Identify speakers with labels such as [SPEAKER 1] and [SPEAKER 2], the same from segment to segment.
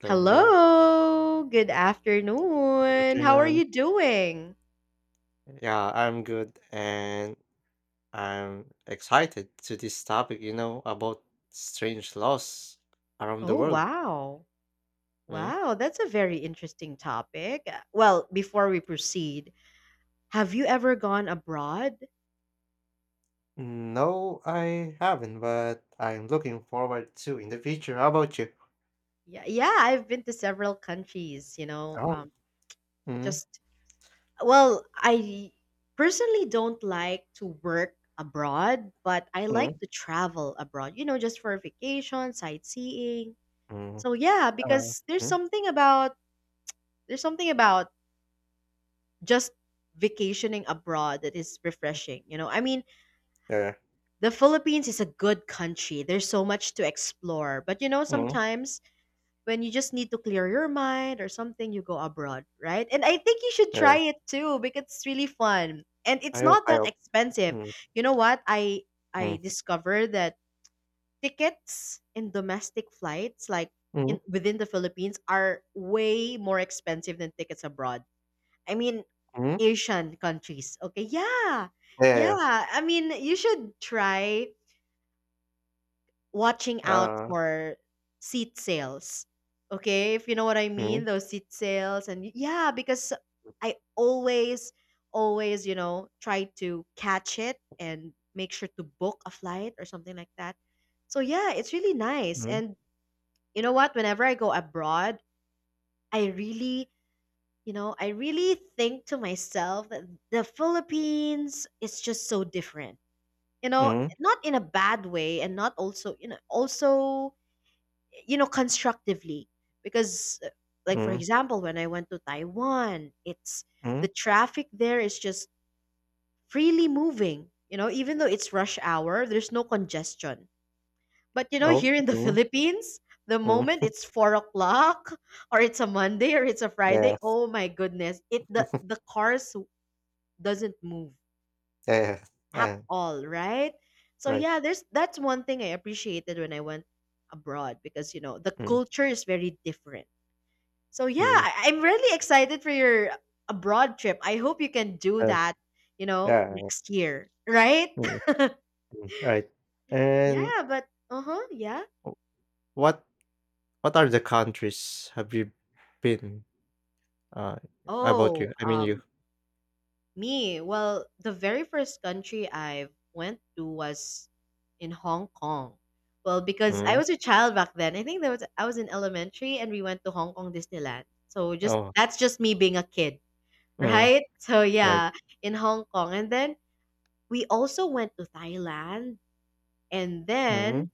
[SPEAKER 1] Hello, hello.
[SPEAKER 2] Hello, good
[SPEAKER 1] Good
[SPEAKER 2] afternoon. How are
[SPEAKER 1] afternoon.
[SPEAKER 2] you doing?
[SPEAKER 1] Yeah, I'm good, and I'm excited to this topic, about strange laws around the
[SPEAKER 2] Oh,
[SPEAKER 1] world.
[SPEAKER 2] wow.
[SPEAKER 1] Mm.
[SPEAKER 2] Wow, that's a very interesting topic. Well, before we proceed, have you ever gone abroad?
[SPEAKER 1] No, I haven't, but I'm looking forward to in the future. How about you?
[SPEAKER 2] Yeah, yeah, I've been to several countries,
[SPEAKER 1] Oh. Mm,
[SPEAKER 2] just I personally don't like to work abroad, but I like
[SPEAKER 1] mm,
[SPEAKER 2] to travel abroad, you know, just for vacation, sightseeing.
[SPEAKER 1] mm,
[SPEAKER 2] So yeah,
[SPEAKER 1] uh,
[SPEAKER 2] because
[SPEAKER 1] mm,
[SPEAKER 2] there's something about just vacationing abroad that is refreshing. You know, I mean,
[SPEAKER 1] yeah,
[SPEAKER 2] the Philippines is a good country. There's so much to explore. But you know,
[SPEAKER 1] mm,
[SPEAKER 2] sometimes when you just need to clear your mind or something, you go abroad, right? And I think you should try
[SPEAKER 1] yeah.
[SPEAKER 2] it too because it's really fun. And it's
[SPEAKER 1] I hope,
[SPEAKER 2] not
[SPEAKER 1] I
[SPEAKER 2] that
[SPEAKER 1] hope.
[SPEAKER 2] expensive.
[SPEAKER 1] Mm,
[SPEAKER 2] You know what? I
[SPEAKER 1] mm,
[SPEAKER 2] discovered that tickets in domestic flights like in
[SPEAKER 1] mm,
[SPEAKER 2] within the Philippines are way more expensive than tickets abroad. I mean,
[SPEAKER 1] mm,
[SPEAKER 2] Asian countries. Okay. Yeah.
[SPEAKER 1] yeah, yeah, yeah.
[SPEAKER 2] Yeah. I mean, you should try watching out
[SPEAKER 1] Uh,
[SPEAKER 2] for seat sales. Okay. If you know what I mean,
[SPEAKER 1] mm,
[SPEAKER 2] those seat sales. And yeah, because I always, always, you know, try to catch it and make sure to book a flight or something like that. So yeah, it's really nice.
[SPEAKER 1] mm,
[SPEAKER 2] And you know what? Whenever I go abroad, I really you know, I really think to myself that the Philippines is just so different. You know,
[SPEAKER 1] mm,
[SPEAKER 2] not in a bad way and not also, you know, also, you know, constructively. Because like, for
[SPEAKER 1] mm,
[SPEAKER 2] example, when I went to Taiwan, it's
[SPEAKER 1] mm.
[SPEAKER 2] the traffic there is just freely moving. You know, even though it's rush hour, there's no congestion. But, you know,
[SPEAKER 1] Oh,
[SPEAKER 2] here in the
[SPEAKER 1] mm,
[SPEAKER 2] Philippines, the moment
[SPEAKER 1] mm,
[SPEAKER 2] it's 4 o'clock, or it's a Monday or it's a
[SPEAKER 1] yeah.
[SPEAKER 2] Friday. Oh my goodness. It the cars doesn't move
[SPEAKER 1] Yeah, yeah, yeah,
[SPEAKER 2] at
[SPEAKER 1] yeah.
[SPEAKER 2] all, right? So
[SPEAKER 1] Right.
[SPEAKER 2] yeah, there's that's one thing I appreciated when I went abroad because you know the
[SPEAKER 1] Mm,
[SPEAKER 2] culture is very different. So yeah,
[SPEAKER 1] mm,
[SPEAKER 2] I'm really excited for your abroad trip. I hope you can do
[SPEAKER 1] uh,
[SPEAKER 2] that, you know,
[SPEAKER 1] yeah,
[SPEAKER 2] next year, right?
[SPEAKER 1] mm, mm, right. And
[SPEAKER 2] Yeah.
[SPEAKER 1] what what are the countries have you been, uh, about
[SPEAKER 2] Oh,
[SPEAKER 1] you, I mean, you?
[SPEAKER 2] um, me, well, the very first country I went to was in Hong Kong. Well, because I
[SPEAKER 1] Mm,
[SPEAKER 2] was a child back then. I was in elementary and we went to Hong Kong Disneyland. So just
[SPEAKER 1] oh,
[SPEAKER 2] that's just me being a kid,
[SPEAKER 1] mm,
[SPEAKER 2] right? So
[SPEAKER 1] right.
[SPEAKER 2] yeah, in Hong Kong. And then we also went to Thailand and then
[SPEAKER 1] Mhm.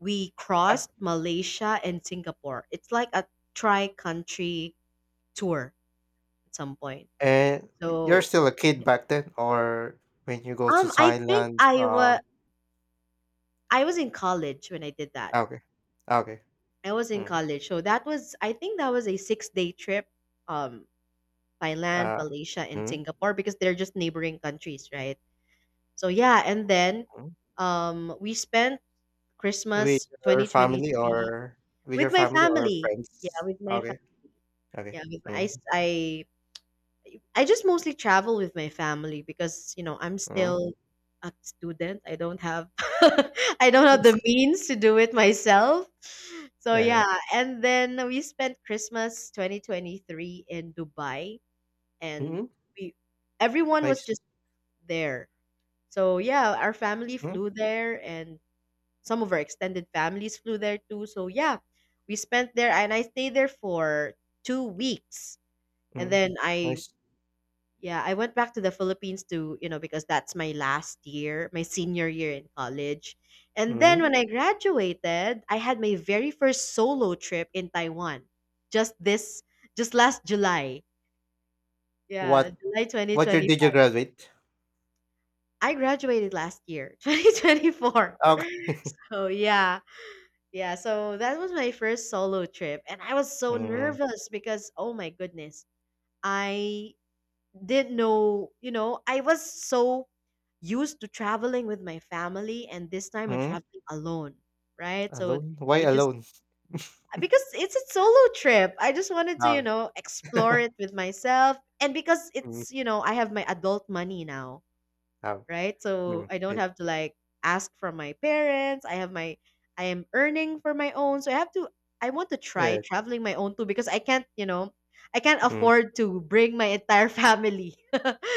[SPEAKER 2] we
[SPEAKER 1] Uh,
[SPEAKER 2] crossed Malaysia and Singapore. It's like a tri-country tour at some point.
[SPEAKER 1] and you're
[SPEAKER 2] So
[SPEAKER 1] still a kid
[SPEAKER 2] yeah.
[SPEAKER 1] back then, or when you go to
[SPEAKER 2] um, I think
[SPEAKER 1] Thailand?
[SPEAKER 2] I was I was in college when I did that.
[SPEAKER 1] Okay. Okay.
[SPEAKER 2] I was in
[SPEAKER 1] Mm,
[SPEAKER 2] college. So that was a 6-day trip um Thailand,
[SPEAKER 1] uh,
[SPEAKER 2] Malaysia and
[SPEAKER 1] mm,
[SPEAKER 2] Singapore because they're just neighboring countries, right? So yeah, and then
[SPEAKER 1] mm.
[SPEAKER 2] we spent
[SPEAKER 1] With
[SPEAKER 2] Christmas
[SPEAKER 1] your family
[SPEAKER 2] 2023
[SPEAKER 1] or with your
[SPEAKER 2] with my
[SPEAKER 1] family or
[SPEAKER 2] family. Yeah,
[SPEAKER 1] friends?
[SPEAKER 2] with my
[SPEAKER 1] Okay,
[SPEAKER 2] family.
[SPEAKER 1] okay.
[SPEAKER 2] Yeah, with my, I
[SPEAKER 1] Mm,
[SPEAKER 2] s- I just mostly travel with my family because, you know, I'm
[SPEAKER 1] mm,
[SPEAKER 2] still a student. I don't have I don't have the means to do it myself. So
[SPEAKER 1] yeah, yeah.
[SPEAKER 2] yeah, and then we spent Christmas 2023 in Dubai and
[SPEAKER 1] Mhm,
[SPEAKER 2] we everyone was
[SPEAKER 1] nice.
[SPEAKER 2] just there. So yeah, our family
[SPEAKER 1] Mhm,
[SPEAKER 2] flew there and some of our extended families flew there too. So yeah, we spent there and I stayed there for 2 weeks. And
[SPEAKER 1] mm,
[SPEAKER 2] then I
[SPEAKER 1] nice.
[SPEAKER 2] yeah, I went back to the Philippines to, you know, because that's my last year, my senior year in college. And then
[SPEAKER 1] Mhm.
[SPEAKER 2] when I graduated, I had my very first solo trip in Taiwan. Just this, just last July. Yeah,
[SPEAKER 1] What
[SPEAKER 2] July
[SPEAKER 1] what year did you
[SPEAKER 2] 2025.
[SPEAKER 1] graduate?
[SPEAKER 2] I graduated last year, 2024.
[SPEAKER 1] Okay.
[SPEAKER 2] So, yeah. Yeah, so that was my first solo trip and I was so
[SPEAKER 1] Mm,
[SPEAKER 2] nervous because oh my goodness. I didn't know, you know, I was so used to traveling with my family and this time I'm
[SPEAKER 1] mhm.
[SPEAKER 2] traveling alone, right? So
[SPEAKER 1] Alone? Why
[SPEAKER 2] it just
[SPEAKER 1] alone?
[SPEAKER 2] because it's a solo trip, I just wanted to, you
[SPEAKER 1] Oh.
[SPEAKER 2] know, explore it with myself and because
[SPEAKER 1] Mm,
[SPEAKER 2] it's, you know, I have my adult money now,
[SPEAKER 1] oh,
[SPEAKER 2] right? So
[SPEAKER 1] mm,
[SPEAKER 2] I don't
[SPEAKER 1] eh,
[SPEAKER 2] have to like ask from my parents. I am earning for my own. So I want to try
[SPEAKER 1] eh,
[SPEAKER 2] traveling my own too because I can't, you know, I can't
[SPEAKER 1] mm,
[SPEAKER 2] afford to bring my entire family.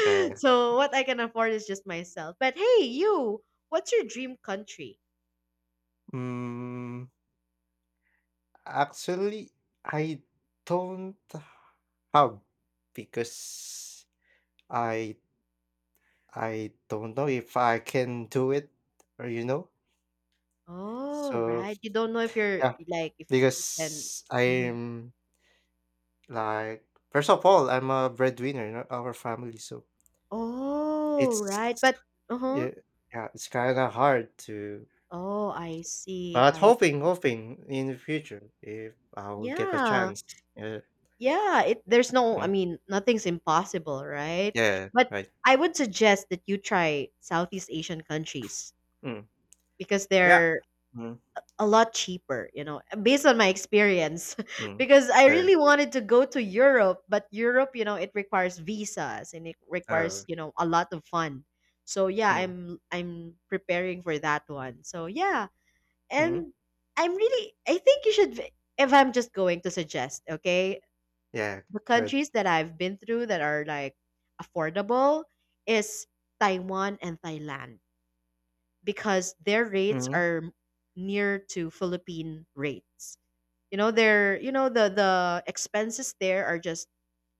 [SPEAKER 1] eh.
[SPEAKER 2] So what I can afford is just myself. But hey, you, what's your dream country?
[SPEAKER 1] Mm, actually, I don't have, because I I don't know if I can do it or you know.
[SPEAKER 2] Oh,
[SPEAKER 1] So
[SPEAKER 2] right. You don't know if you're
[SPEAKER 1] yeah,
[SPEAKER 2] like if you can.
[SPEAKER 1] because
[SPEAKER 2] Mhm.
[SPEAKER 1] I'm, like, first of all, I'm a breadwinner in our family, so
[SPEAKER 2] Oh, right.
[SPEAKER 1] it's,
[SPEAKER 2] But uh-huh.
[SPEAKER 1] yeah, yeah, it's kind of hard to.
[SPEAKER 2] Oh, I see.
[SPEAKER 1] But
[SPEAKER 2] I
[SPEAKER 1] hoping,
[SPEAKER 2] see.
[SPEAKER 1] hoping in the future, if I will get a
[SPEAKER 2] Yeah.
[SPEAKER 1] chance. Yeah,
[SPEAKER 2] Yeah, it there's no I
[SPEAKER 1] mm,
[SPEAKER 2] mean, nothing's impossible, right?
[SPEAKER 1] yeah,
[SPEAKER 2] But
[SPEAKER 1] right.
[SPEAKER 2] I would suggest that you try Southeast Asian countries
[SPEAKER 1] Mm,
[SPEAKER 2] because
[SPEAKER 1] yeah.
[SPEAKER 2] they're
[SPEAKER 1] Mm,
[SPEAKER 2] a lot cheaper, you know, based on my experience.
[SPEAKER 1] mm,
[SPEAKER 2] Because I
[SPEAKER 1] yeah.
[SPEAKER 2] really wanted to go to Europe, but Europe, you know, it requires visas and it requires,
[SPEAKER 1] Oh.
[SPEAKER 2] you know, a lot of fun. So yeah,
[SPEAKER 1] Mm,
[SPEAKER 2] I'm preparing for that one. So yeah,
[SPEAKER 1] mm,
[SPEAKER 2] and I think you should, if I'm just going to suggest, okay?
[SPEAKER 1] yeah.
[SPEAKER 2] The
[SPEAKER 1] Good.
[SPEAKER 2] countries that I've been through that are like affordable is Taiwan and Thailand because their rates
[SPEAKER 1] Mm,
[SPEAKER 2] are near to Philippine rates. You know, the expenses there are just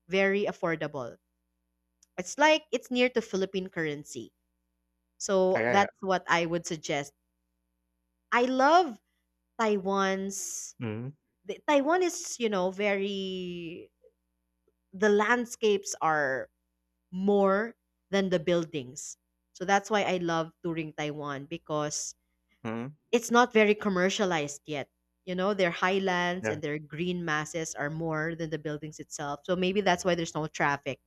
[SPEAKER 2] very affordable. It's like it's near to Philippine currency.
[SPEAKER 1] yeah,
[SPEAKER 2] So
[SPEAKER 1] yeah, yeah.
[SPEAKER 2] that's what I would suggest. I love Taiwan's
[SPEAKER 1] Mm,
[SPEAKER 2] Taiwan is, you know, very, the landscapes are more than the buildings. So that's why I love touring Taiwan because
[SPEAKER 1] mm,
[SPEAKER 2] it's not very commercialized yet. You know, their highlands
[SPEAKER 1] yeah.
[SPEAKER 2] and their green masses are more than the buildings itself. So maybe that's why there's no traffic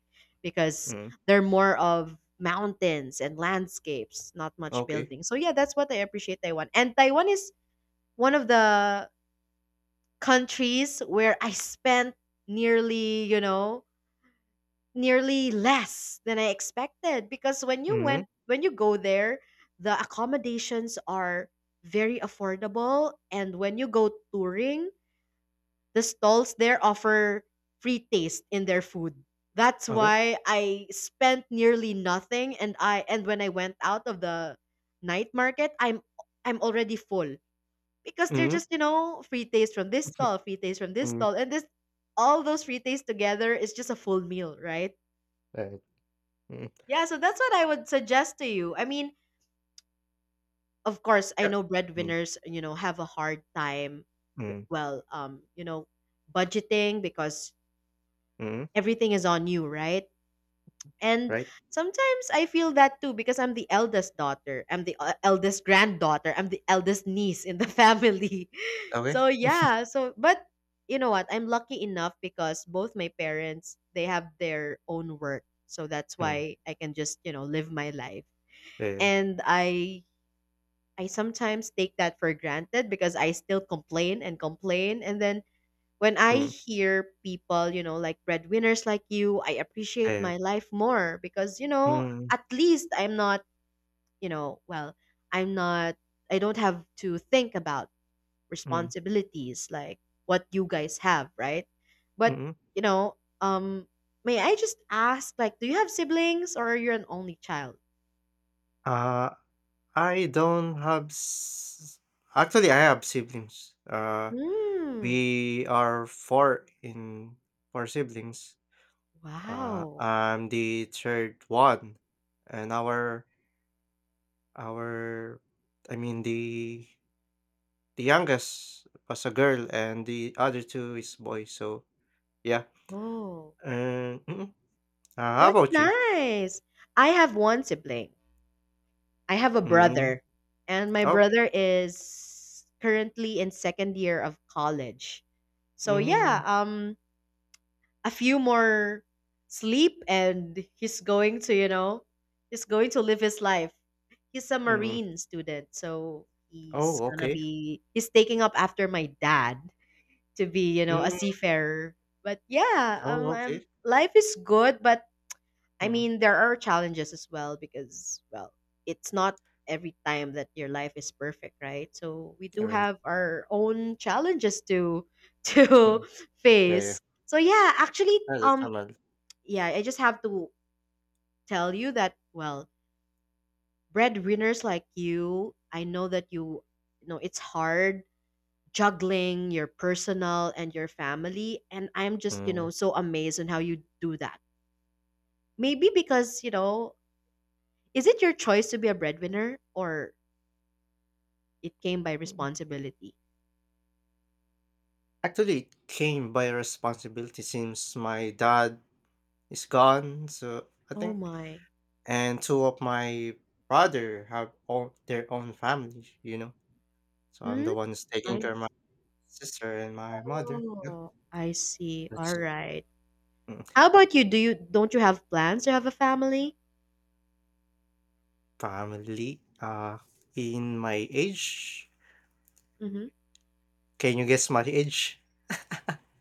[SPEAKER 2] because
[SPEAKER 1] Mm,
[SPEAKER 2] they're more of mountains and landscapes, not much
[SPEAKER 1] okay.
[SPEAKER 2] buildings. So yeah, that's what I appreciate Taiwan. And Taiwan is one of the countries where I spent nearly, you know, nearly less than I expected because
[SPEAKER 1] Mm,
[SPEAKER 2] when you go there, the accommodations are very affordable and when you go touring, the stalls there offer free taste in their food. That's
[SPEAKER 1] okay.
[SPEAKER 2] why I spent nearly nothing and I and when I went out of the night market, I'm already full because they're
[SPEAKER 1] Mm,
[SPEAKER 2] just, you know, free taste from this stall, free taste from this
[SPEAKER 1] mm,
[SPEAKER 2] stall and this, all those free taste together is just a full meal, right?
[SPEAKER 1] right. Mm,
[SPEAKER 2] Yeah, so that's what I would suggest to you. I mean, of course, I
[SPEAKER 1] yeah.
[SPEAKER 2] know
[SPEAKER 1] Mm,
[SPEAKER 2] breadwinners, you know, have a hard time, w-
[SPEAKER 1] mm,
[SPEAKER 2] well, um, you know, budgeting because
[SPEAKER 1] mm,
[SPEAKER 2] everything is on you, right? And
[SPEAKER 1] right.
[SPEAKER 2] sometimes I feel that too because I'm the eldest daughter, I'm the eldest granddaughter, I'm the eldest niece in the family.
[SPEAKER 1] Okay.
[SPEAKER 2] So, yeah, so but you know what? I'm lucky enough because both my parents, they have their own work. So that's
[SPEAKER 1] Mm,
[SPEAKER 2] why I can just, you know, live my life
[SPEAKER 1] yeah, yeah,
[SPEAKER 2] and I sometimes take that for granted because I still complain and complain. And then when I
[SPEAKER 1] mm,
[SPEAKER 2] hear people, you know, like breadwinners like you, I appreciate
[SPEAKER 1] yeah.
[SPEAKER 2] my life more because, you know,
[SPEAKER 1] Mm,
[SPEAKER 2] at least I'm not, you know, well, I'm not, I don't have to think about
[SPEAKER 1] mm,
[SPEAKER 2] responsibilities like what you guys have, right? But,
[SPEAKER 1] mm.
[SPEAKER 2] you know, may I just ask, like, do you have siblings or you're an only child?
[SPEAKER 1] Uh, I don't have s. Actually, I have siblings.
[SPEAKER 2] Hmm.
[SPEAKER 1] We are four in four siblings.
[SPEAKER 2] Wow.
[SPEAKER 1] I'm the third one, and our, I mean, the youngest was a girl, and the other two is boy, so yeah.
[SPEAKER 2] Oh.
[SPEAKER 1] And mm. How
[SPEAKER 2] That's
[SPEAKER 1] about you?
[SPEAKER 2] nice. I have one sibling. I have a
[SPEAKER 1] Mm,
[SPEAKER 2] brother, and my
[SPEAKER 1] okay.
[SPEAKER 2] brother is currently in second year of college. So yeah,
[SPEAKER 1] Mm,
[SPEAKER 2] a few more sleep, and he's going to, you know, he's going to live his life. He's a
[SPEAKER 1] mm.
[SPEAKER 2] marine student, so he's
[SPEAKER 1] Oh,
[SPEAKER 2] gonna
[SPEAKER 1] okay.
[SPEAKER 2] be he's taking up after my dad to be, you know, a
[SPEAKER 1] Mm.
[SPEAKER 2] seafarer. But yeah,
[SPEAKER 1] Oh, okay.
[SPEAKER 2] life is good, but I
[SPEAKER 1] Mm,
[SPEAKER 2] mean, there are challenges as well because, well, it's not every time that your life is perfect, right? So we do
[SPEAKER 1] alright.
[SPEAKER 2] have our own challenges to to
[SPEAKER 1] Mm, yeah, yeah.
[SPEAKER 2] face. So yeah,
[SPEAKER 1] Yeah, that's normal.
[SPEAKER 2] yeah, I just have to tell you that, well, breadwinners like you, I know that you know, it's hard juggling your personal and your family, and I'm just, you
[SPEAKER 1] Mm.
[SPEAKER 2] know, so amazed on how you do that maybe because you know, is it your choice to be a breadwinner or it came by
[SPEAKER 1] Mm.
[SPEAKER 2] responsibility?
[SPEAKER 1] Actually, it came by responsibility since my dad is gone, so I
[SPEAKER 2] Oh
[SPEAKER 1] think,
[SPEAKER 2] my.
[SPEAKER 1] and two of my brother have all their own family. So I'm
[SPEAKER 2] Hmm?
[SPEAKER 1] the one who's taking
[SPEAKER 2] I
[SPEAKER 1] care of my
[SPEAKER 2] s-
[SPEAKER 1] sister and my mother. Yeah,
[SPEAKER 2] oh, I see. All
[SPEAKER 1] that's
[SPEAKER 2] right.
[SPEAKER 1] mm,
[SPEAKER 2] How about you? Do you don't you have plans to have a family?
[SPEAKER 1] family. In my age,
[SPEAKER 2] Hmm.
[SPEAKER 1] can you guess my age?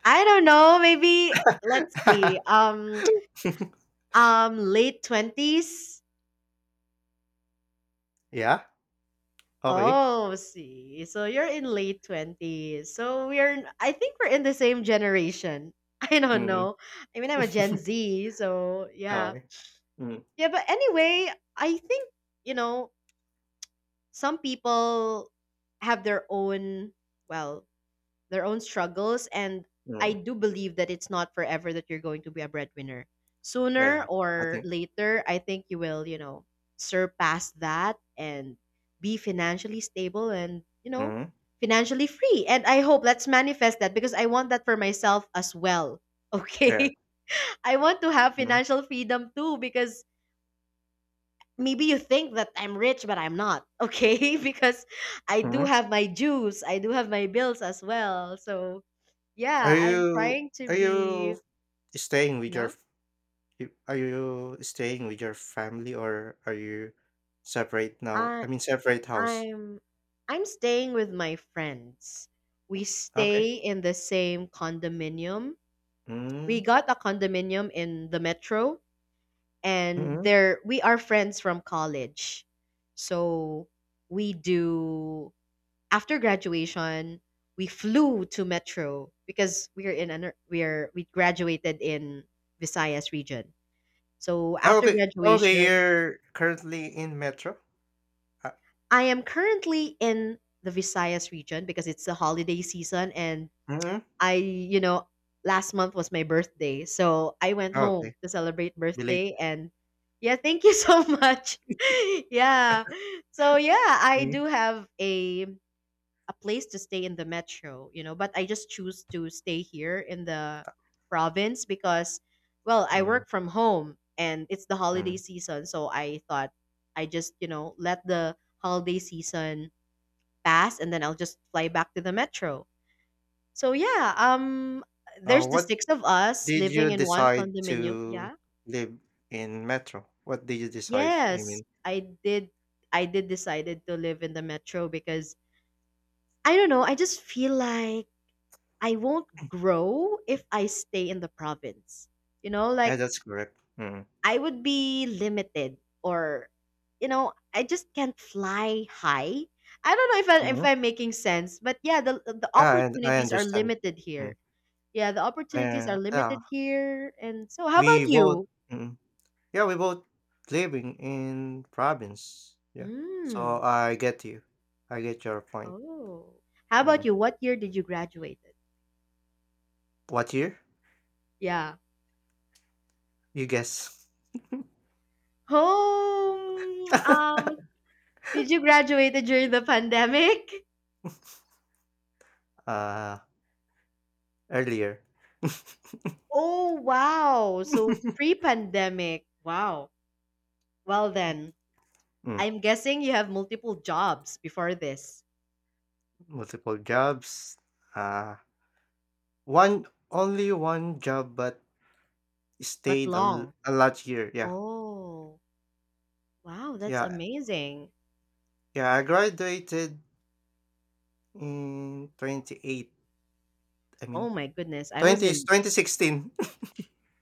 [SPEAKER 2] I don't know. Maybe let's see. Late twenties.
[SPEAKER 1] Yeah. Okay.
[SPEAKER 2] Oh, see. So you're in late twenties. So we're. I think we're in the same generation. I don't
[SPEAKER 1] Mm.
[SPEAKER 2] know. I mean, I'm a Gen Z, so yeah.
[SPEAKER 1] Okay. Mm.
[SPEAKER 2] Yeah, but anyway, I think, you know, some people have their own, well, their own struggles. And I
[SPEAKER 1] Mm.
[SPEAKER 2] do believe that it's not forever that you're going to be a breadwinner. Sooner
[SPEAKER 1] Yeah, I
[SPEAKER 2] or
[SPEAKER 1] think.
[SPEAKER 2] later, I think you will, you know, surpass that and be financially stable and, you know,
[SPEAKER 1] Mhm,
[SPEAKER 2] financially free. And I hope let's manifest that because I want that for myself as well.
[SPEAKER 1] yeah,
[SPEAKER 2] Okay. I want to have
[SPEAKER 1] mhm,
[SPEAKER 2] financial freedom too because maybe you think that I'm rich, but I'm not, okay? Because I do
[SPEAKER 1] mhm,
[SPEAKER 2] have my dues, I do have my bills as well. So
[SPEAKER 1] Are
[SPEAKER 2] yeah, I'm
[SPEAKER 1] you
[SPEAKER 2] trying to
[SPEAKER 1] are
[SPEAKER 2] be.
[SPEAKER 1] you staying with your
[SPEAKER 2] Yeah.
[SPEAKER 1] f you are you staying with your family, or are you separate now?
[SPEAKER 2] I
[SPEAKER 1] I mean, separate house.
[SPEAKER 2] I'm I'm staying with my friends. We
[SPEAKER 1] Okay.
[SPEAKER 2] stay in the same condominium. We
[SPEAKER 1] Mm,
[SPEAKER 2] got a condominium in the metro, and
[SPEAKER 1] mhm.
[SPEAKER 2] there we are friends from college. So we do after graduation, we flew to Metro because we graduated in Visayas region. So
[SPEAKER 1] Oh,
[SPEAKER 2] after
[SPEAKER 1] okay, okay,
[SPEAKER 2] graduation,
[SPEAKER 1] you're currently in Metro? Uh,
[SPEAKER 2] I am currently in the Visayas region because it's the holiday season and
[SPEAKER 1] mhm,
[SPEAKER 2] I, you know, last month was my birthday. So I went
[SPEAKER 1] okay,
[SPEAKER 2] home to celebrate
[SPEAKER 1] village.
[SPEAKER 2] birthday, and yeah, thank you so much. Yeah. So yeah, I
[SPEAKER 1] Mhm,
[SPEAKER 2] do have a place to stay in the metro, you know, but I just choose to stay here in the province because, well, I
[SPEAKER 1] mm,
[SPEAKER 2] work from home and it's the holiday
[SPEAKER 1] mm.
[SPEAKER 2] season. So I thought I just let the holiday season pass and then I'll just fly back to the metro. So yeah, there's the
[SPEAKER 1] What
[SPEAKER 2] six of us
[SPEAKER 1] did you
[SPEAKER 2] living in one
[SPEAKER 1] decide
[SPEAKER 2] condominium.
[SPEAKER 1] to
[SPEAKER 2] Yeah.
[SPEAKER 1] live in Metro? What did you decide? I
[SPEAKER 2] Yes,
[SPEAKER 1] mean,
[SPEAKER 2] I did. I did decided to live in the metro because I don't know. I just feel like I won't grow if I stay in the province. You know,
[SPEAKER 1] yeah,
[SPEAKER 2] like
[SPEAKER 1] that's correct. Mhm.
[SPEAKER 2] I would be limited, or you know, I just can't fly high. I don't know if I, if
[SPEAKER 1] Mhm.
[SPEAKER 2] I'm making sense, but yeah, the
[SPEAKER 1] Yeah, I
[SPEAKER 2] opportunities are
[SPEAKER 1] understand.
[SPEAKER 2] limited
[SPEAKER 1] Mm,
[SPEAKER 2] here. Yeah, the opportunities are
[SPEAKER 1] yeah, yeah,
[SPEAKER 2] limited here. And so how about
[SPEAKER 1] we both,
[SPEAKER 2] you?
[SPEAKER 1] mm, yeah, we both living in province, yeah, so
[SPEAKER 2] Mm.
[SPEAKER 1] I get you. I get your point.
[SPEAKER 2] Oh. How about
[SPEAKER 1] Mm.
[SPEAKER 2] you? What year did you graduate?
[SPEAKER 1] What year?
[SPEAKER 2] Yeah.
[SPEAKER 1] You guess.
[SPEAKER 2] Home. Did you graduate during the pandemic?
[SPEAKER 1] Uh, earlier.
[SPEAKER 2] Oh, wow. So pre-pandemic. Wow. Well then,
[SPEAKER 1] Mm,
[SPEAKER 2] I'm guessing you have multiple jobs before this,
[SPEAKER 1] multiple jobs. Uh, one only one job, but
[SPEAKER 2] but
[SPEAKER 1] stayed a l
[SPEAKER 2] long.
[SPEAKER 1] a large year, yeah.
[SPEAKER 2] Oh, wow. That's
[SPEAKER 1] Yeah,
[SPEAKER 2] amazing.
[SPEAKER 1] yeah, I graduated in 28, I
[SPEAKER 2] Oh
[SPEAKER 1] mean,
[SPEAKER 2] my goodness. I was
[SPEAKER 1] 20
[SPEAKER 2] in
[SPEAKER 1] 2016.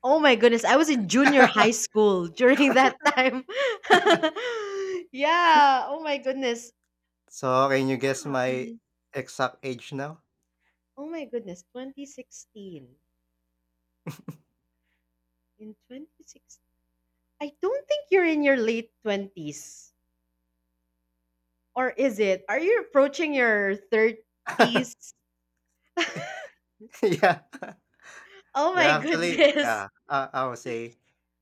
[SPEAKER 2] Oh my goodness. I was in junior high school during that time. Yeah. Oh my goodness.
[SPEAKER 1] So, can you guess
[SPEAKER 2] Yeah.
[SPEAKER 1] my
[SPEAKER 2] Mhm.
[SPEAKER 1] exact age now?
[SPEAKER 2] Oh my goodness. 2016. In 2016. I don't think you're in your late 20s. Or is it? Are you approaching your 30s?
[SPEAKER 1] Yeah.
[SPEAKER 2] Oh my
[SPEAKER 1] Yeah, actually,
[SPEAKER 2] goodness.
[SPEAKER 1] yeah, I would say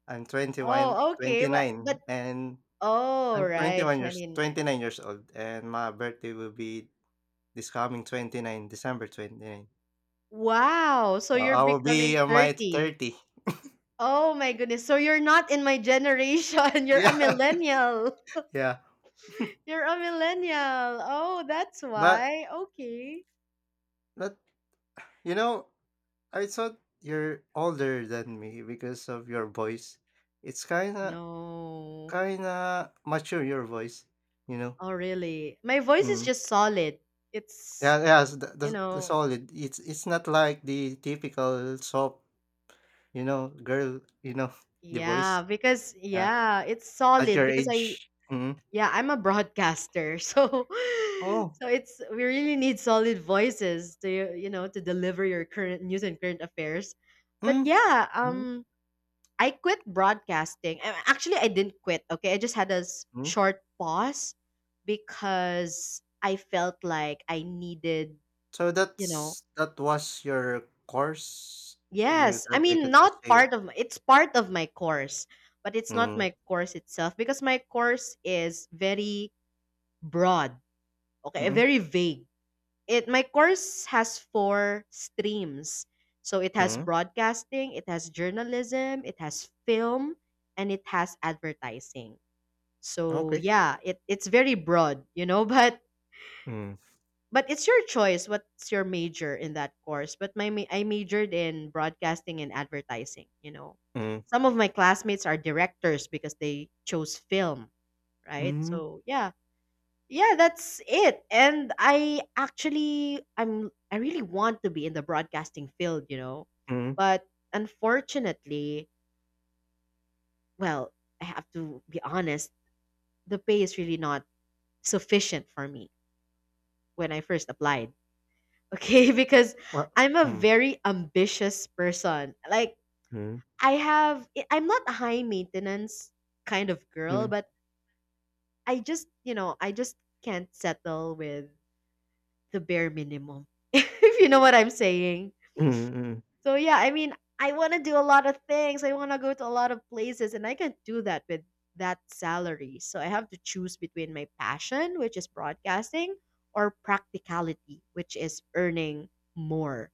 [SPEAKER 1] I'm 29,
[SPEAKER 2] Oh, okay. But
[SPEAKER 1] and
[SPEAKER 2] oh
[SPEAKER 1] I'm
[SPEAKER 2] right,
[SPEAKER 1] 21 years
[SPEAKER 2] 29.
[SPEAKER 1] 29 years old, and my birthday will be this coming 29th, December 29.
[SPEAKER 2] Wow. So
[SPEAKER 1] So
[SPEAKER 2] you're
[SPEAKER 1] I will be
[SPEAKER 2] becoming
[SPEAKER 1] on my
[SPEAKER 2] 30.
[SPEAKER 1] 30th.
[SPEAKER 2] Oh my goodness. So you're not in my generation. You're a
[SPEAKER 1] Yeah.
[SPEAKER 2] millennial.
[SPEAKER 1] Yeah.
[SPEAKER 2] You're a millennial. Oh, that's
[SPEAKER 1] But
[SPEAKER 2] why. Okay.
[SPEAKER 1] but you know, I thought you're older than me because of your voice. It's kinda
[SPEAKER 2] No.
[SPEAKER 1] kinda mature your voice, you know?
[SPEAKER 2] Oh really? My voice is
[SPEAKER 1] Mm.
[SPEAKER 2] just solid. It's
[SPEAKER 1] Yeah, yes, the the
[SPEAKER 2] you
[SPEAKER 1] the
[SPEAKER 2] know,
[SPEAKER 1] solid. It's not like the typical soft, girl, the
[SPEAKER 2] yeah,
[SPEAKER 1] voice.
[SPEAKER 2] because
[SPEAKER 1] Yeah,
[SPEAKER 2] yeah, it's
[SPEAKER 1] at
[SPEAKER 2] solid.
[SPEAKER 1] your
[SPEAKER 2] Because I
[SPEAKER 1] age. Mhm.
[SPEAKER 2] Yeah, I'm a broadcaster. So
[SPEAKER 1] Oh.
[SPEAKER 2] so it's we really need solid voices to deliver your current news and current affairs. But
[SPEAKER 1] Mm.
[SPEAKER 2] yeah,
[SPEAKER 1] Mm.
[SPEAKER 2] I quit broadcasting. Actually, I didn't quit. Okay, I just had a s-
[SPEAKER 1] Mm.
[SPEAKER 2] short pause because I felt like I needed,
[SPEAKER 1] So
[SPEAKER 2] you know,
[SPEAKER 1] that was your course? You
[SPEAKER 2] yes. I mean,
[SPEAKER 1] graduated as
[SPEAKER 2] not
[SPEAKER 1] year.
[SPEAKER 2] part of my, it's part of my course, but it's not
[SPEAKER 1] Mm,
[SPEAKER 2] my course itself because my course is very broad. Okay,
[SPEAKER 1] mm,
[SPEAKER 2] very vague. It My course has four streams. So it has
[SPEAKER 1] mm,
[SPEAKER 2] broadcasting, it has journalism, it has film, and it has advertising. So
[SPEAKER 1] okay.
[SPEAKER 2] yeah, it's very broad, you know, but
[SPEAKER 1] Mm,
[SPEAKER 2] it's your choice what's your major in that course. But I majored in broadcasting and advertising, you know.
[SPEAKER 1] mm,
[SPEAKER 2] Some of my classmates are directors because they chose film, right?
[SPEAKER 1] mm,
[SPEAKER 2] So yeah, yeah, that's it, and I actually I'm I really want to be in the broadcasting field, you know,
[SPEAKER 1] mm.
[SPEAKER 2] but unfortunately, well, I have to be honest, the pay is really not sufficient for me when I first applied, okay? Because
[SPEAKER 1] What?
[SPEAKER 2] I'm a
[SPEAKER 1] Mm,
[SPEAKER 2] very ambitious person, like
[SPEAKER 1] mm,
[SPEAKER 2] I'm not a high maintenance kind of girl,
[SPEAKER 1] mm,
[SPEAKER 2] but I just can't settle with the bare minimum if you know what I'm saying.
[SPEAKER 1] mm, mm,
[SPEAKER 2] So yeah, I mean, I want to do a lot of things. I want to go to a lot of places and I can't do that with that salary. So I have to choose between my passion, which is broadcasting, or practicality, which is earning more,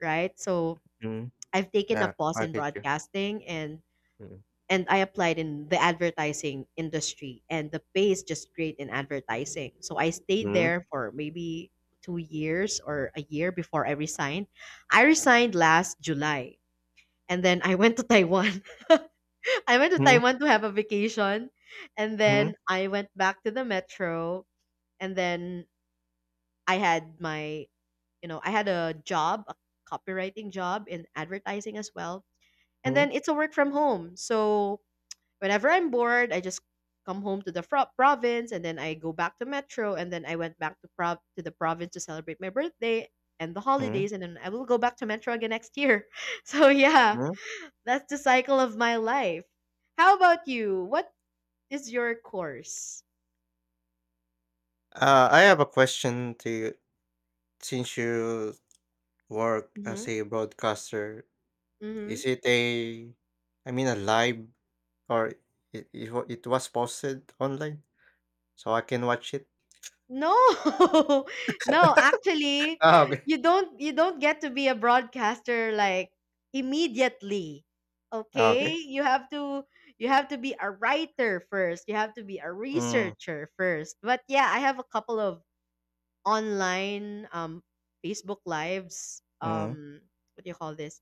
[SPEAKER 2] right? So
[SPEAKER 1] mm.
[SPEAKER 2] I've taken a
[SPEAKER 1] Yeah,
[SPEAKER 2] pause
[SPEAKER 1] I
[SPEAKER 2] in
[SPEAKER 1] get you.
[SPEAKER 2] broadcasting, and
[SPEAKER 1] Mm.
[SPEAKER 2] and I applied in the advertising industry, and the pay is just great in advertising. So I stayed
[SPEAKER 1] Mhm,
[SPEAKER 2] there for maybe 2 years or a year before I resigned. I resigned last July and then I went to Taiwan. I went to
[SPEAKER 1] mhm,
[SPEAKER 2] Taiwan to have a vacation, and
[SPEAKER 1] mhm,
[SPEAKER 2] then I went back to the metro, and then I had my, you know, I had a job, a copywriting job in advertising as well, and
[SPEAKER 1] mhm,
[SPEAKER 2] then it's a work from home. So whenever I'm bored, I just come home to the province, and then I go back to metro, and then I went back to prov to the province to celebrate my birthday and the
[SPEAKER 1] mhm,
[SPEAKER 2] holidays, and then I will go back to metro again next year. So yeah,
[SPEAKER 1] mhm.
[SPEAKER 2] that's the cycle of my life. How about you? What is your course?
[SPEAKER 1] I have a question to you. Since you work as
[SPEAKER 2] Mm-hmm.
[SPEAKER 1] a broadcaster,
[SPEAKER 2] Mm-hmm.
[SPEAKER 1] is it a, I mean, a live, or it was posted online so I can watch it?
[SPEAKER 2] No. No, actually,
[SPEAKER 1] Ah, okay.
[SPEAKER 2] you don't get to be a broadcaster like immediately.
[SPEAKER 1] Ah,
[SPEAKER 2] Okay?
[SPEAKER 1] okay.
[SPEAKER 2] You have to be a writer first. You have to be a
[SPEAKER 1] Mm,
[SPEAKER 2] researcher first. But yeah, I have a couple of online Facebook lives,
[SPEAKER 1] mm,
[SPEAKER 2] what do you call this?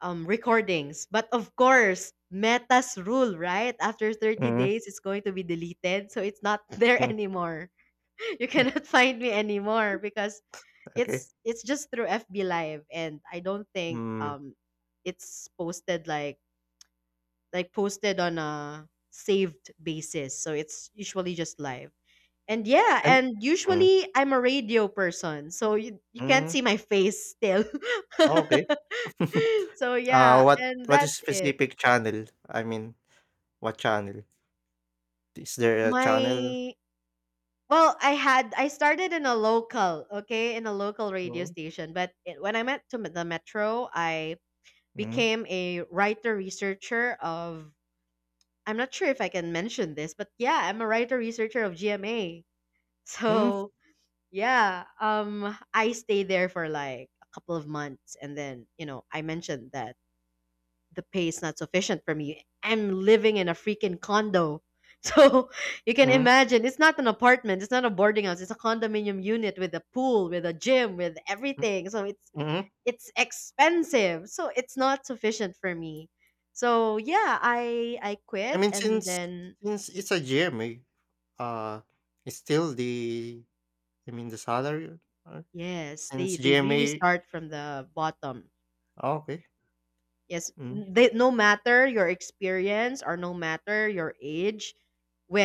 [SPEAKER 2] Recordings. But of course, Meta's rule, right? After 30
[SPEAKER 1] mm,
[SPEAKER 2] days, it's going to be deleted. So it's not there
[SPEAKER 1] mm,
[SPEAKER 2] anymore. You cannot find me anymore because
[SPEAKER 1] okay.
[SPEAKER 2] it's just through FB Live, and I don't think
[SPEAKER 1] Mm,
[SPEAKER 2] it's posted like posted on a saved basis. So it's usually just live. And yeah,
[SPEAKER 1] I'm,
[SPEAKER 2] and
[SPEAKER 1] mm,
[SPEAKER 2] usually I'm a radio person. So you can't
[SPEAKER 1] mm,
[SPEAKER 2] see my face still.
[SPEAKER 1] okay.
[SPEAKER 2] So
[SPEAKER 1] Uh,
[SPEAKER 2] yeah,
[SPEAKER 1] what
[SPEAKER 2] and
[SPEAKER 1] what
[SPEAKER 2] that's
[SPEAKER 1] is
[SPEAKER 2] it.
[SPEAKER 1] specific channel? I mean, what channel? Is there a channel?
[SPEAKER 2] My well, I started in a local, okay, in a local radio
[SPEAKER 1] No.
[SPEAKER 2] station, but when I went to the metro, I became a writer researcher. Of I'm not sure if I can mention this, but yeah, I'm a writer researcher of GMA.
[SPEAKER 1] Mhm,
[SPEAKER 2] So, yeah, I stayed there for like a couple of months, and then, I mentioned that the pay is not sufficient for me. I'm living in a freaking condo. So you can
[SPEAKER 1] mm,
[SPEAKER 2] imagine it's not an apartment, it's not a boarding house, it's a condominium unit with a pool, with a gym, with everything. So
[SPEAKER 1] hmm.
[SPEAKER 2] it's expensive. So it's not sufficient for me. So yeah, I
[SPEAKER 1] I
[SPEAKER 2] quit,
[SPEAKER 1] mean,
[SPEAKER 2] and
[SPEAKER 1] since
[SPEAKER 2] then
[SPEAKER 1] since it's a GMA, uh, it's still the, I mean, the salary, uh,
[SPEAKER 2] yes, they,
[SPEAKER 1] since
[SPEAKER 2] they really
[SPEAKER 1] GMA.
[SPEAKER 2] start from the bottom.
[SPEAKER 1] Okay.
[SPEAKER 2] Yes,
[SPEAKER 1] Mm,
[SPEAKER 2] no matter your experience or no matter your age,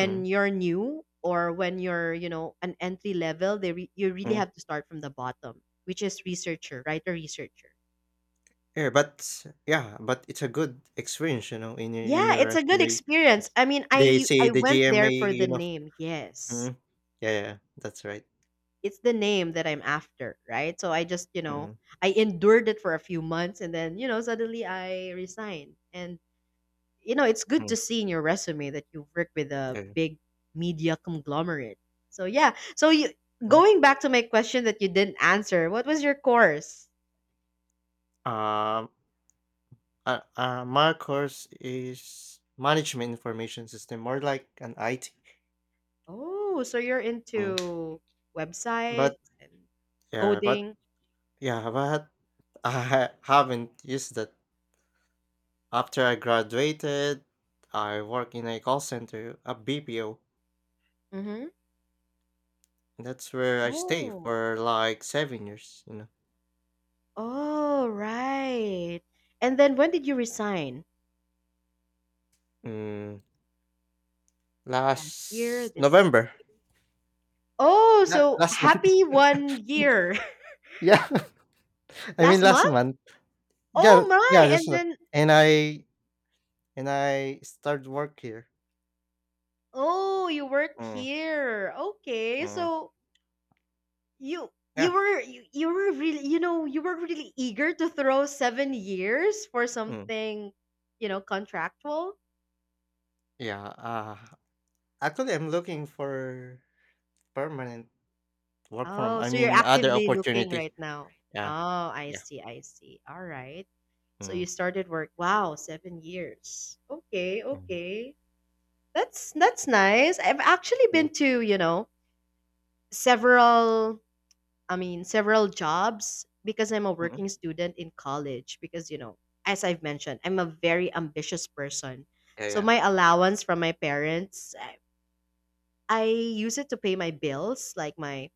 [SPEAKER 1] hmm,
[SPEAKER 2] you're new or when you're an entry level, you really
[SPEAKER 1] mm.
[SPEAKER 2] have to start from the bottom, which is researcher, right? A researcher.
[SPEAKER 1] Yeah, but yeah, but it's a good experience, in
[SPEAKER 2] Yeah,
[SPEAKER 1] your
[SPEAKER 2] it's a good
[SPEAKER 1] resume.
[SPEAKER 2] experience. I mean,
[SPEAKER 1] They
[SPEAKER 2] I
[SPEAKER 1] say
[SPEAKER 2] I
[SPEAKER 1] the
[SPEAKER 2] went
[SPEAKER 1] GMA,
[SPEAKER 2] there for the
[SPEAKER 1] you know.
[SPEAKER 2] name. Yes.
[SPEAKER 1] Mm, yeah, yeah, that's right.
[SPEAKER 2] It's the name that I'm after, right? So I just, you know,
[SPEAKER 1] Mm,
[SPEAKER 2] I endured it for a few months, and then, suddenly I resigned, and it's good
[SPEAKER 1] mm,
[SPEAKER 2] to see in your resume that you work with a
[SPEAKER 1] yeah,
[SPEAKER 2] big media conglomerate. So yeah. So you,
[SPEAKER 1] mm.
[SPEAKER 2] going back to my question that you didn't answer, what was your course?
[SPEAKER 1] Um, my course is management information system, more like an IT.
[SPEAKER 2] Oh, so you're
[SPEAKER 1] Mm.
[SPEAKER 2] into
[SPEAKER 1] But
[SPEAKER 2] websites and
[SPEAKER 1] yeah, but
[SPEAKER 2] coding.
[SPEAKER 1] yeah, but I haven't used that. After I graduated, I work in a call center, a BPO,
[SPEAKER 2] Mm-hmm.
[SPEAKER 1] and that's where I stay
[SPEAKER 2] Oh.
[SPEAKER 1] for like seven years.
[SPEAKER 2] Oh, right. And then when did you resign?
[SPEAKER 1] Mm,
[SPEAKER 2] Last year?
[SPEAKER 1] last
[SPEAKER 2] This
[SPEAKER 1] November.
[SPEAKER 2] Oh,
[SPEAKER 1] La-
[SPEAKER 2] so
[SPEAKER 1] last month.
[SPEAKER 2] happy one year.
[SPEAKER 1] Yeah. I mean
[SPEAKER 2] Last
[SPEAKER 1] last
[SPEAKER 2] month?
[SPEAKER 1] month. Yeah,
[SPEAKER 2] Oh
[SPEAKER 1] yeah,
[SPEAKER 2] my.
[SPEAKER 1] just
[SPEAKER 2] And
[SPEAKER 1] not,
[SPEAKER 2] then
[SPEAKER 1] and I and I started work here.
[SPEAKER 2] oh, you worked
[SPEAKER 1] Mm,
[SPEAKER 2] here. Okay.
[SPEAKER 1] mm,
[SPEAKER 2] So you you
[SPEAKER 1] yeah.
[SPEAKER 2] were you, you were really eager to throw 7 years for
[SPEAKER 1] Mm,
[SPEAKER 2] something, contractual.
[SPEAKER 1] yeah. Actually, I'm looking for permanent work from,
[SPEAKER 2] Oh,
[SPEAKER 1] I
[SPEAKER 2] so you're
[SPEAKER 1] mean, other
[SPEAKER 2] actively looking
[SPEAKER 1] opportunity.
[SPEAKER 2] right now.
[SPEAKER 1] Yeah.
[SPEAKER 2] Oh, I
[SPEAKER 1] Yeah.
[SPEAKER 2] see, I see. All right. So
[SPEAKER 1] Mm,
[SPEAKER 2] you started work. Wow, 7 years. Okay,
[SPEAKER 1] mm,
[SPEAKER 2] okay. that's nice. I've actually
[SPEAKER 1] mm,
[SPEAKER 2] been to, several several jobs because I'm a
[SPEAKER 1] mm.
[SPEAKER 2] working student in college. Because, as I've mentioned, I'm a very ambitious person.
[SPEAKER 1] Yeah,
[SPEAKER 2] So
[SPEAKER 1] yeah.
[SPEAKER 2] my allowance from my parents, I use it to pay my bills, like my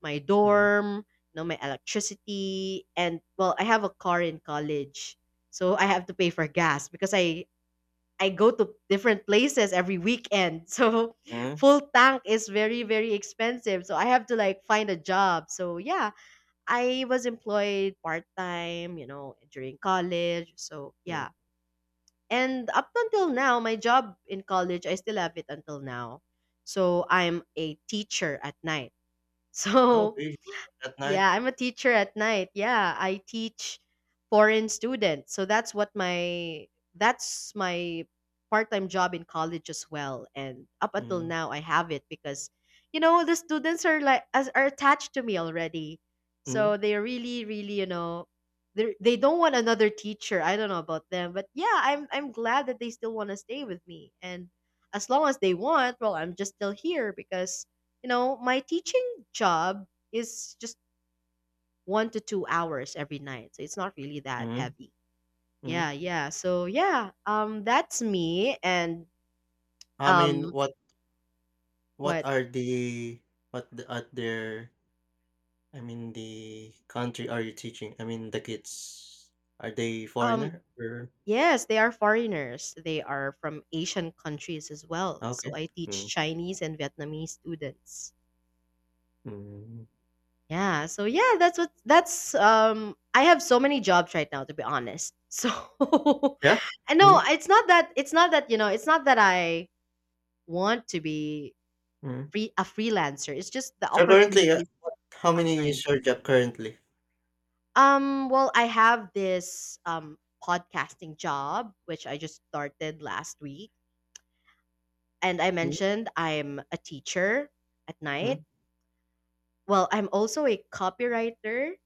[SPEAKER 2] my
[SPEAKER 1] Mm,
[SPEAKER 2] dorm, my electricity, and well, I have a car in college, so I have to pay for gas because I go to different places every weekend. So
[SPEAKER 1] mm,
[SPEAKER 2] full tank is very very expensive. So I have to like find a job. So yeah, I was employed part-time, during college. So, yeah.
[SPEAKER 1] mm.
[SPEAKER 2] And up until now, my job in college, I still have it until now. So, I'm a teacher at night. So,
[SPEAKER 1] Okay, at night.
[SPEAKER 2] yeah, I'm a teacher at night. Yeah, I teach foreign students. So that's what my that's my part-time job in college as well. And up until
[SPEAKER 1] Mm,
[SPEAKER 2] now I have it because the students are like as are attached to me already. So
[SPEAKER 1] mm,
[SPEAKER 2] they really really, they don't want another teacher. I don't know about them, but yeah, I'm glad that they still want to stay with me. And as long as they want, well, I'm just still here because my teaching job is just 1 to 2 hours every night. So it's not really that
[SPEAKER 1] mm,
[SPEAKER 2] heavy.
[SPEAKER 1] mm.
[SPEAKER 2] Yeah, yeah. So that's me. And
[SPEAKER 1] I mean,
[SPEAKER 2] um,
[SPEAKER 1] what
[SPEAKER 2] what?
[SPEAKER 1] are the what the at their, I mean, the country are you teaching? I mean, the kids, are they
[SPEAKER 2] Um,
[SPEAKER 1] foreigner or
[SPEAKER 2] yes, they are foreigners. They are from Asian countries as well. So
[SPEAKER 1] okay.
[SPEAKER 2] I teach
[SPEAKER 1] Mm,
[SPEAKER 2] Chinese and Vietnamese students.
[SPEAKER 1] mm.
[SPEAKER 2] Yeah. So yeah, that's what. That's. I have so many jobs right now, to be honest. So,
[SPEAKER 1] Yeah.
[SPEAKER 2] I know
[SPEAKER 1] Mm,
[SPEAKER 2] it's not that I want to be
[SPEAKER 1] mm.
[SPEAKER 2] free a freelancer. It's just the
[SPEAKER 1] So currently,
[SPEAKER 2] opportunities
[SPEAKER 1] what how many
[SPEAKER 2] online.
[SPEAKER 1] is your job currently?
[SPEAKER 2] Well, I have this podcasting job, which I just started last week, and I
[SPEAKER 1] Mm,
[SPEAKER 2] mentioned I'm a teacher at night.
[SPEAKER 1] mm,
[SPEAKER 2] Well, I'm also a copywriter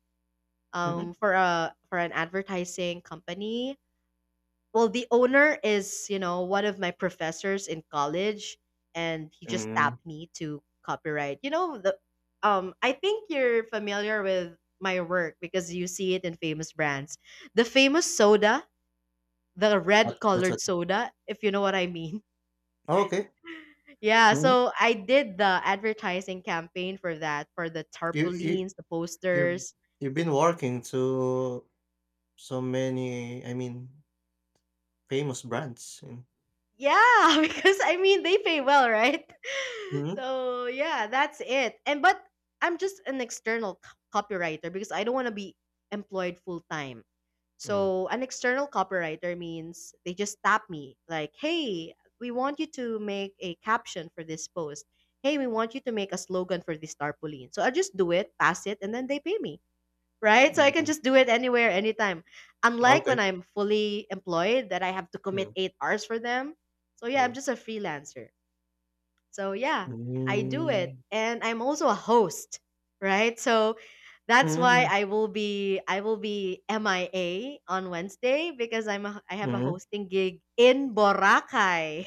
[SPEAKER 1] mm,
[SPEAKER 2] for a for an advertising company. Well, the owner is, you know, one of my professors in college, and he just
[SPEAKER 1] mm.
[SPEAKER 2] tapped me to copyright. You know, the I think you're familiar with my work because you see it in famous brands. The famous soda, the red
[SPEAKER 1] What's
[SPEAKER 2] colored
[SPEAKER 1] that?
[SPEAKER 2] soda, if you know what I mean.
[SPEAKER 1] Oh, okay.
[SPEAKER 2] Yeah,
[SPEAKER 1] Mhm.
[SPEAKER 2] so I did the advertising campaign for that, for the
[SPEAKER 1] You you
[SPEAKER 2] tarpaulins, the
[SPEAKER 1] you
[SPEAKER 2] posters.
[SPEAKER 1] you've been working to so many, I mean, famous brands and
[SPEAKER 2] Yeah, because I mean they pay well, right?
[SPEAKER 1] mhm.
[SPEAKER 2] So yeah, that's it. And but I'm just an external copywriter because I don't want to be employed full time.
[SPEAKER 1] Mm,
[SPEAKER 2] So an external copywriter means they just tap me like, "Hey, we want you to make a caption for this post. Hey, we want you to make a slogan for this tarpaulin." So I just do it, pass it, and then they pay me, right? So I can
[SPEAKER 1] mm.
[SPEAKER 2] just do it anywhere, anytime. Unlike
[SPEAKER 1] Okay.
[SPEAKER 2] when I'm fully employed, that I have to commit
[SPEAKER 1] Mm,
[SPEAKER 2] 8 hours for them. So yeah, I'm
[SPEAKER 1] mm.
[SPEAKER 2] just a freelancer. So yeah, I do it.
[SPEAKER 1] Mm.
[SPEAKER 2] And I'm also a host, right? So that's why
[SPEAKER 1] Mm,
[SPEAKER 2] I will be MIA on Wednesday because I have a
[SPEAKER 1] mm.
[SPEAKER 2] hosting gig in Boracay.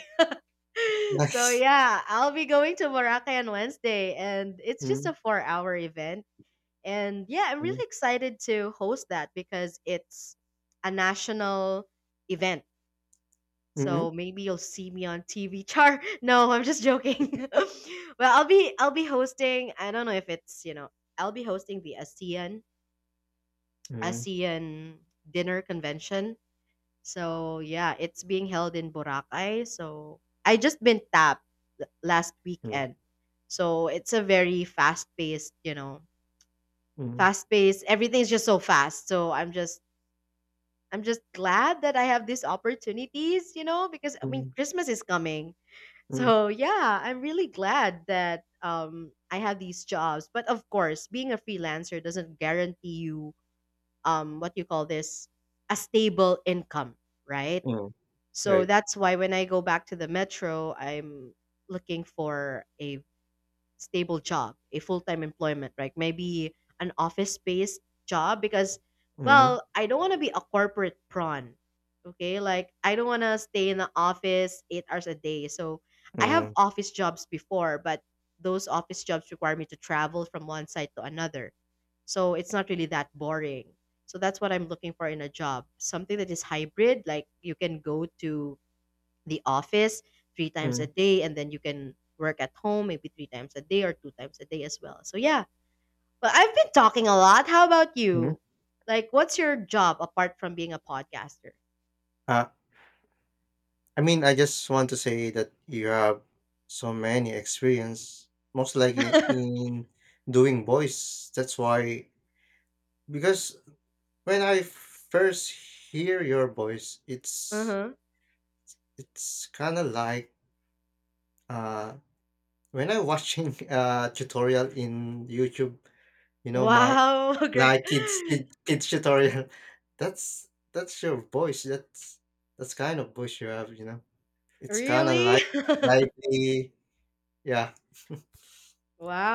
[SPEAKER 2] So
[SPEAKER 1] Nice.
[SPEAKER 2] yeah, I'll be going to Boracay on Wednesday, and it's just a
[SPEAKER 1] Mm,
[SPEAKER 2] 4-hour event and yeah, I'm
[SPEAKER 1] mm.
[SPEAKER 2] really excited to host that because it's a national event. So
[SPEAKER 1] Mhm.
[SPEAKER 2] maybe you'll see me on TV. Char. No, I'm just joking. Well, I'll be hosting, I don't know if it's, you know, I'll be hosting the ASEAN
[SPEAKER 1] Mm,
[SPEAKER 2] ASEAN dinner convention. So yeah, it's being held in Boracay. So I just been tapped last
[SPEAKER 1] mm.
[SPEAKER 2] weekend. So it's a very
[SPEAKER 1] Mm,
[SPEAKER 2] fast paced. Everything's just so fast. So I'm just glad that I have these opportunities, you know, because I mean,
[SPEAKER 1] mm,
[SPEAKER 2] Christmas is coming.
[SPEAKER 1] mm,
[SPEAKER 2] So, yeah, I'm really glad that I have these jobs. But of course, being a freelancer doesn't guarantee you what you call this a stable income, right?
[SPEAKER 1] mm.
[SPEAKER 2] So
[SPEAKER 1] Right.
[SPEAKER 2] that's why when I go back to the metro, I'm looking for a stable job, a full-time employment, right? Maybe an office-based job because
[SPEAKER 1] Mm,
[SPEAKER 2] well, I don't want to be a corporate prawn. Okay? Like I don't want to stay in the office 8 hours a day. So, I have
[SPEAKER 1] mm,
[SPEAKER 2] office jobs before, but those office jobs require me to travel from one site to another. So, it's not really that boring. So, that's what I'm looking for in a job. Something that is hybrid, like you can go to the office three times a
[SPEAKER 1] mm,
[SPEAKER 2] day and then you can work at home maybe 3 times a day or 2 times a day as well. So yeah, but I've been talking a lot. How about
[SPEAKER 1] mhm.
[SPEAKER 2] you? Like what's your job apart from being a podcaster?
[SPEAKER 1] Ah I mean, I just want to say that you have so many experience, most likely in doing voice. That's why, because when I first hear your voice,
[SPEAKER 2] Uh-huh.
[SPEAKER 1] it's kind of like uh, when I watching a tutorial in YouTube. My,
[SPEAKER 2] Wow.
[SPEAKER 1] like, kids tutorial. That's that's your voice. That's kind of voice you have. It's kind of
[SPEAKER 2] Really?
[SPEAKER 1] like lively. Yeah.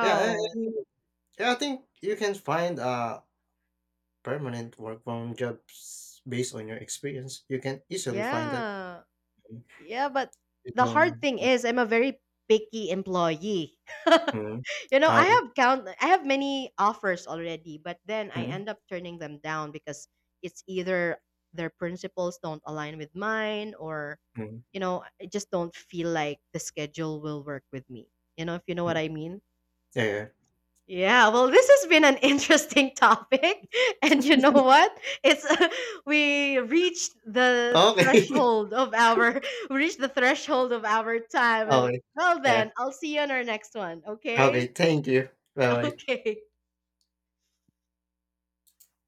[SPEAKER 1] Yeah, and yeah, I think you can find a permanent work from jobs based on your experience. You can easily find that.
[SPEAKER 2] Yeah,
[SPEAKER 1] Mm,
[SPEAKER 2] yeah, but
[SPEAKER 1] you
[SPEAKER 2] the hard
[SPEAKER 1] don't.
[SPEAKER 2] thing is I'm a very picky employee.
[SPEAKER 1] Mm,
[SPEAKER 2] You know,
[SPEAKER 1] okay.
[SPEAKER 2] I have many offers already, but then I
[SPEAKER 1] Mm,
[SPEAKER 2] end up turning them down because it's either their principles don't align with mine, or,
[SPEAKER 1] mm,
[SPEAKER 2] you know, I just don't feel like the schedule will work with me. You know, if you know what
[SPEAKER 1] mm.
[SPEAKER 2] I mean?
[SPEAKER 1] Yeah, yeah.
[SPEAKER 2] Yeah, well, this has been an interesting topic. And you know what? It's we reached the
[SPEAKER 1] Okay.
[SPEAKER 2] threshold of our we reached the threshold of our time. And
[SPEAKER 1] Okay.
[SPEAKER 2] well
[SPEAKER 1] Yeah.
[SPEAKER 2] then, I'll see you on our next one,
[SPEAKER 1] Okay.
[SPEAKER 2] okay?
[SPEAKER 1] Thank you. Bye.
[SPEAKER 2] Okay.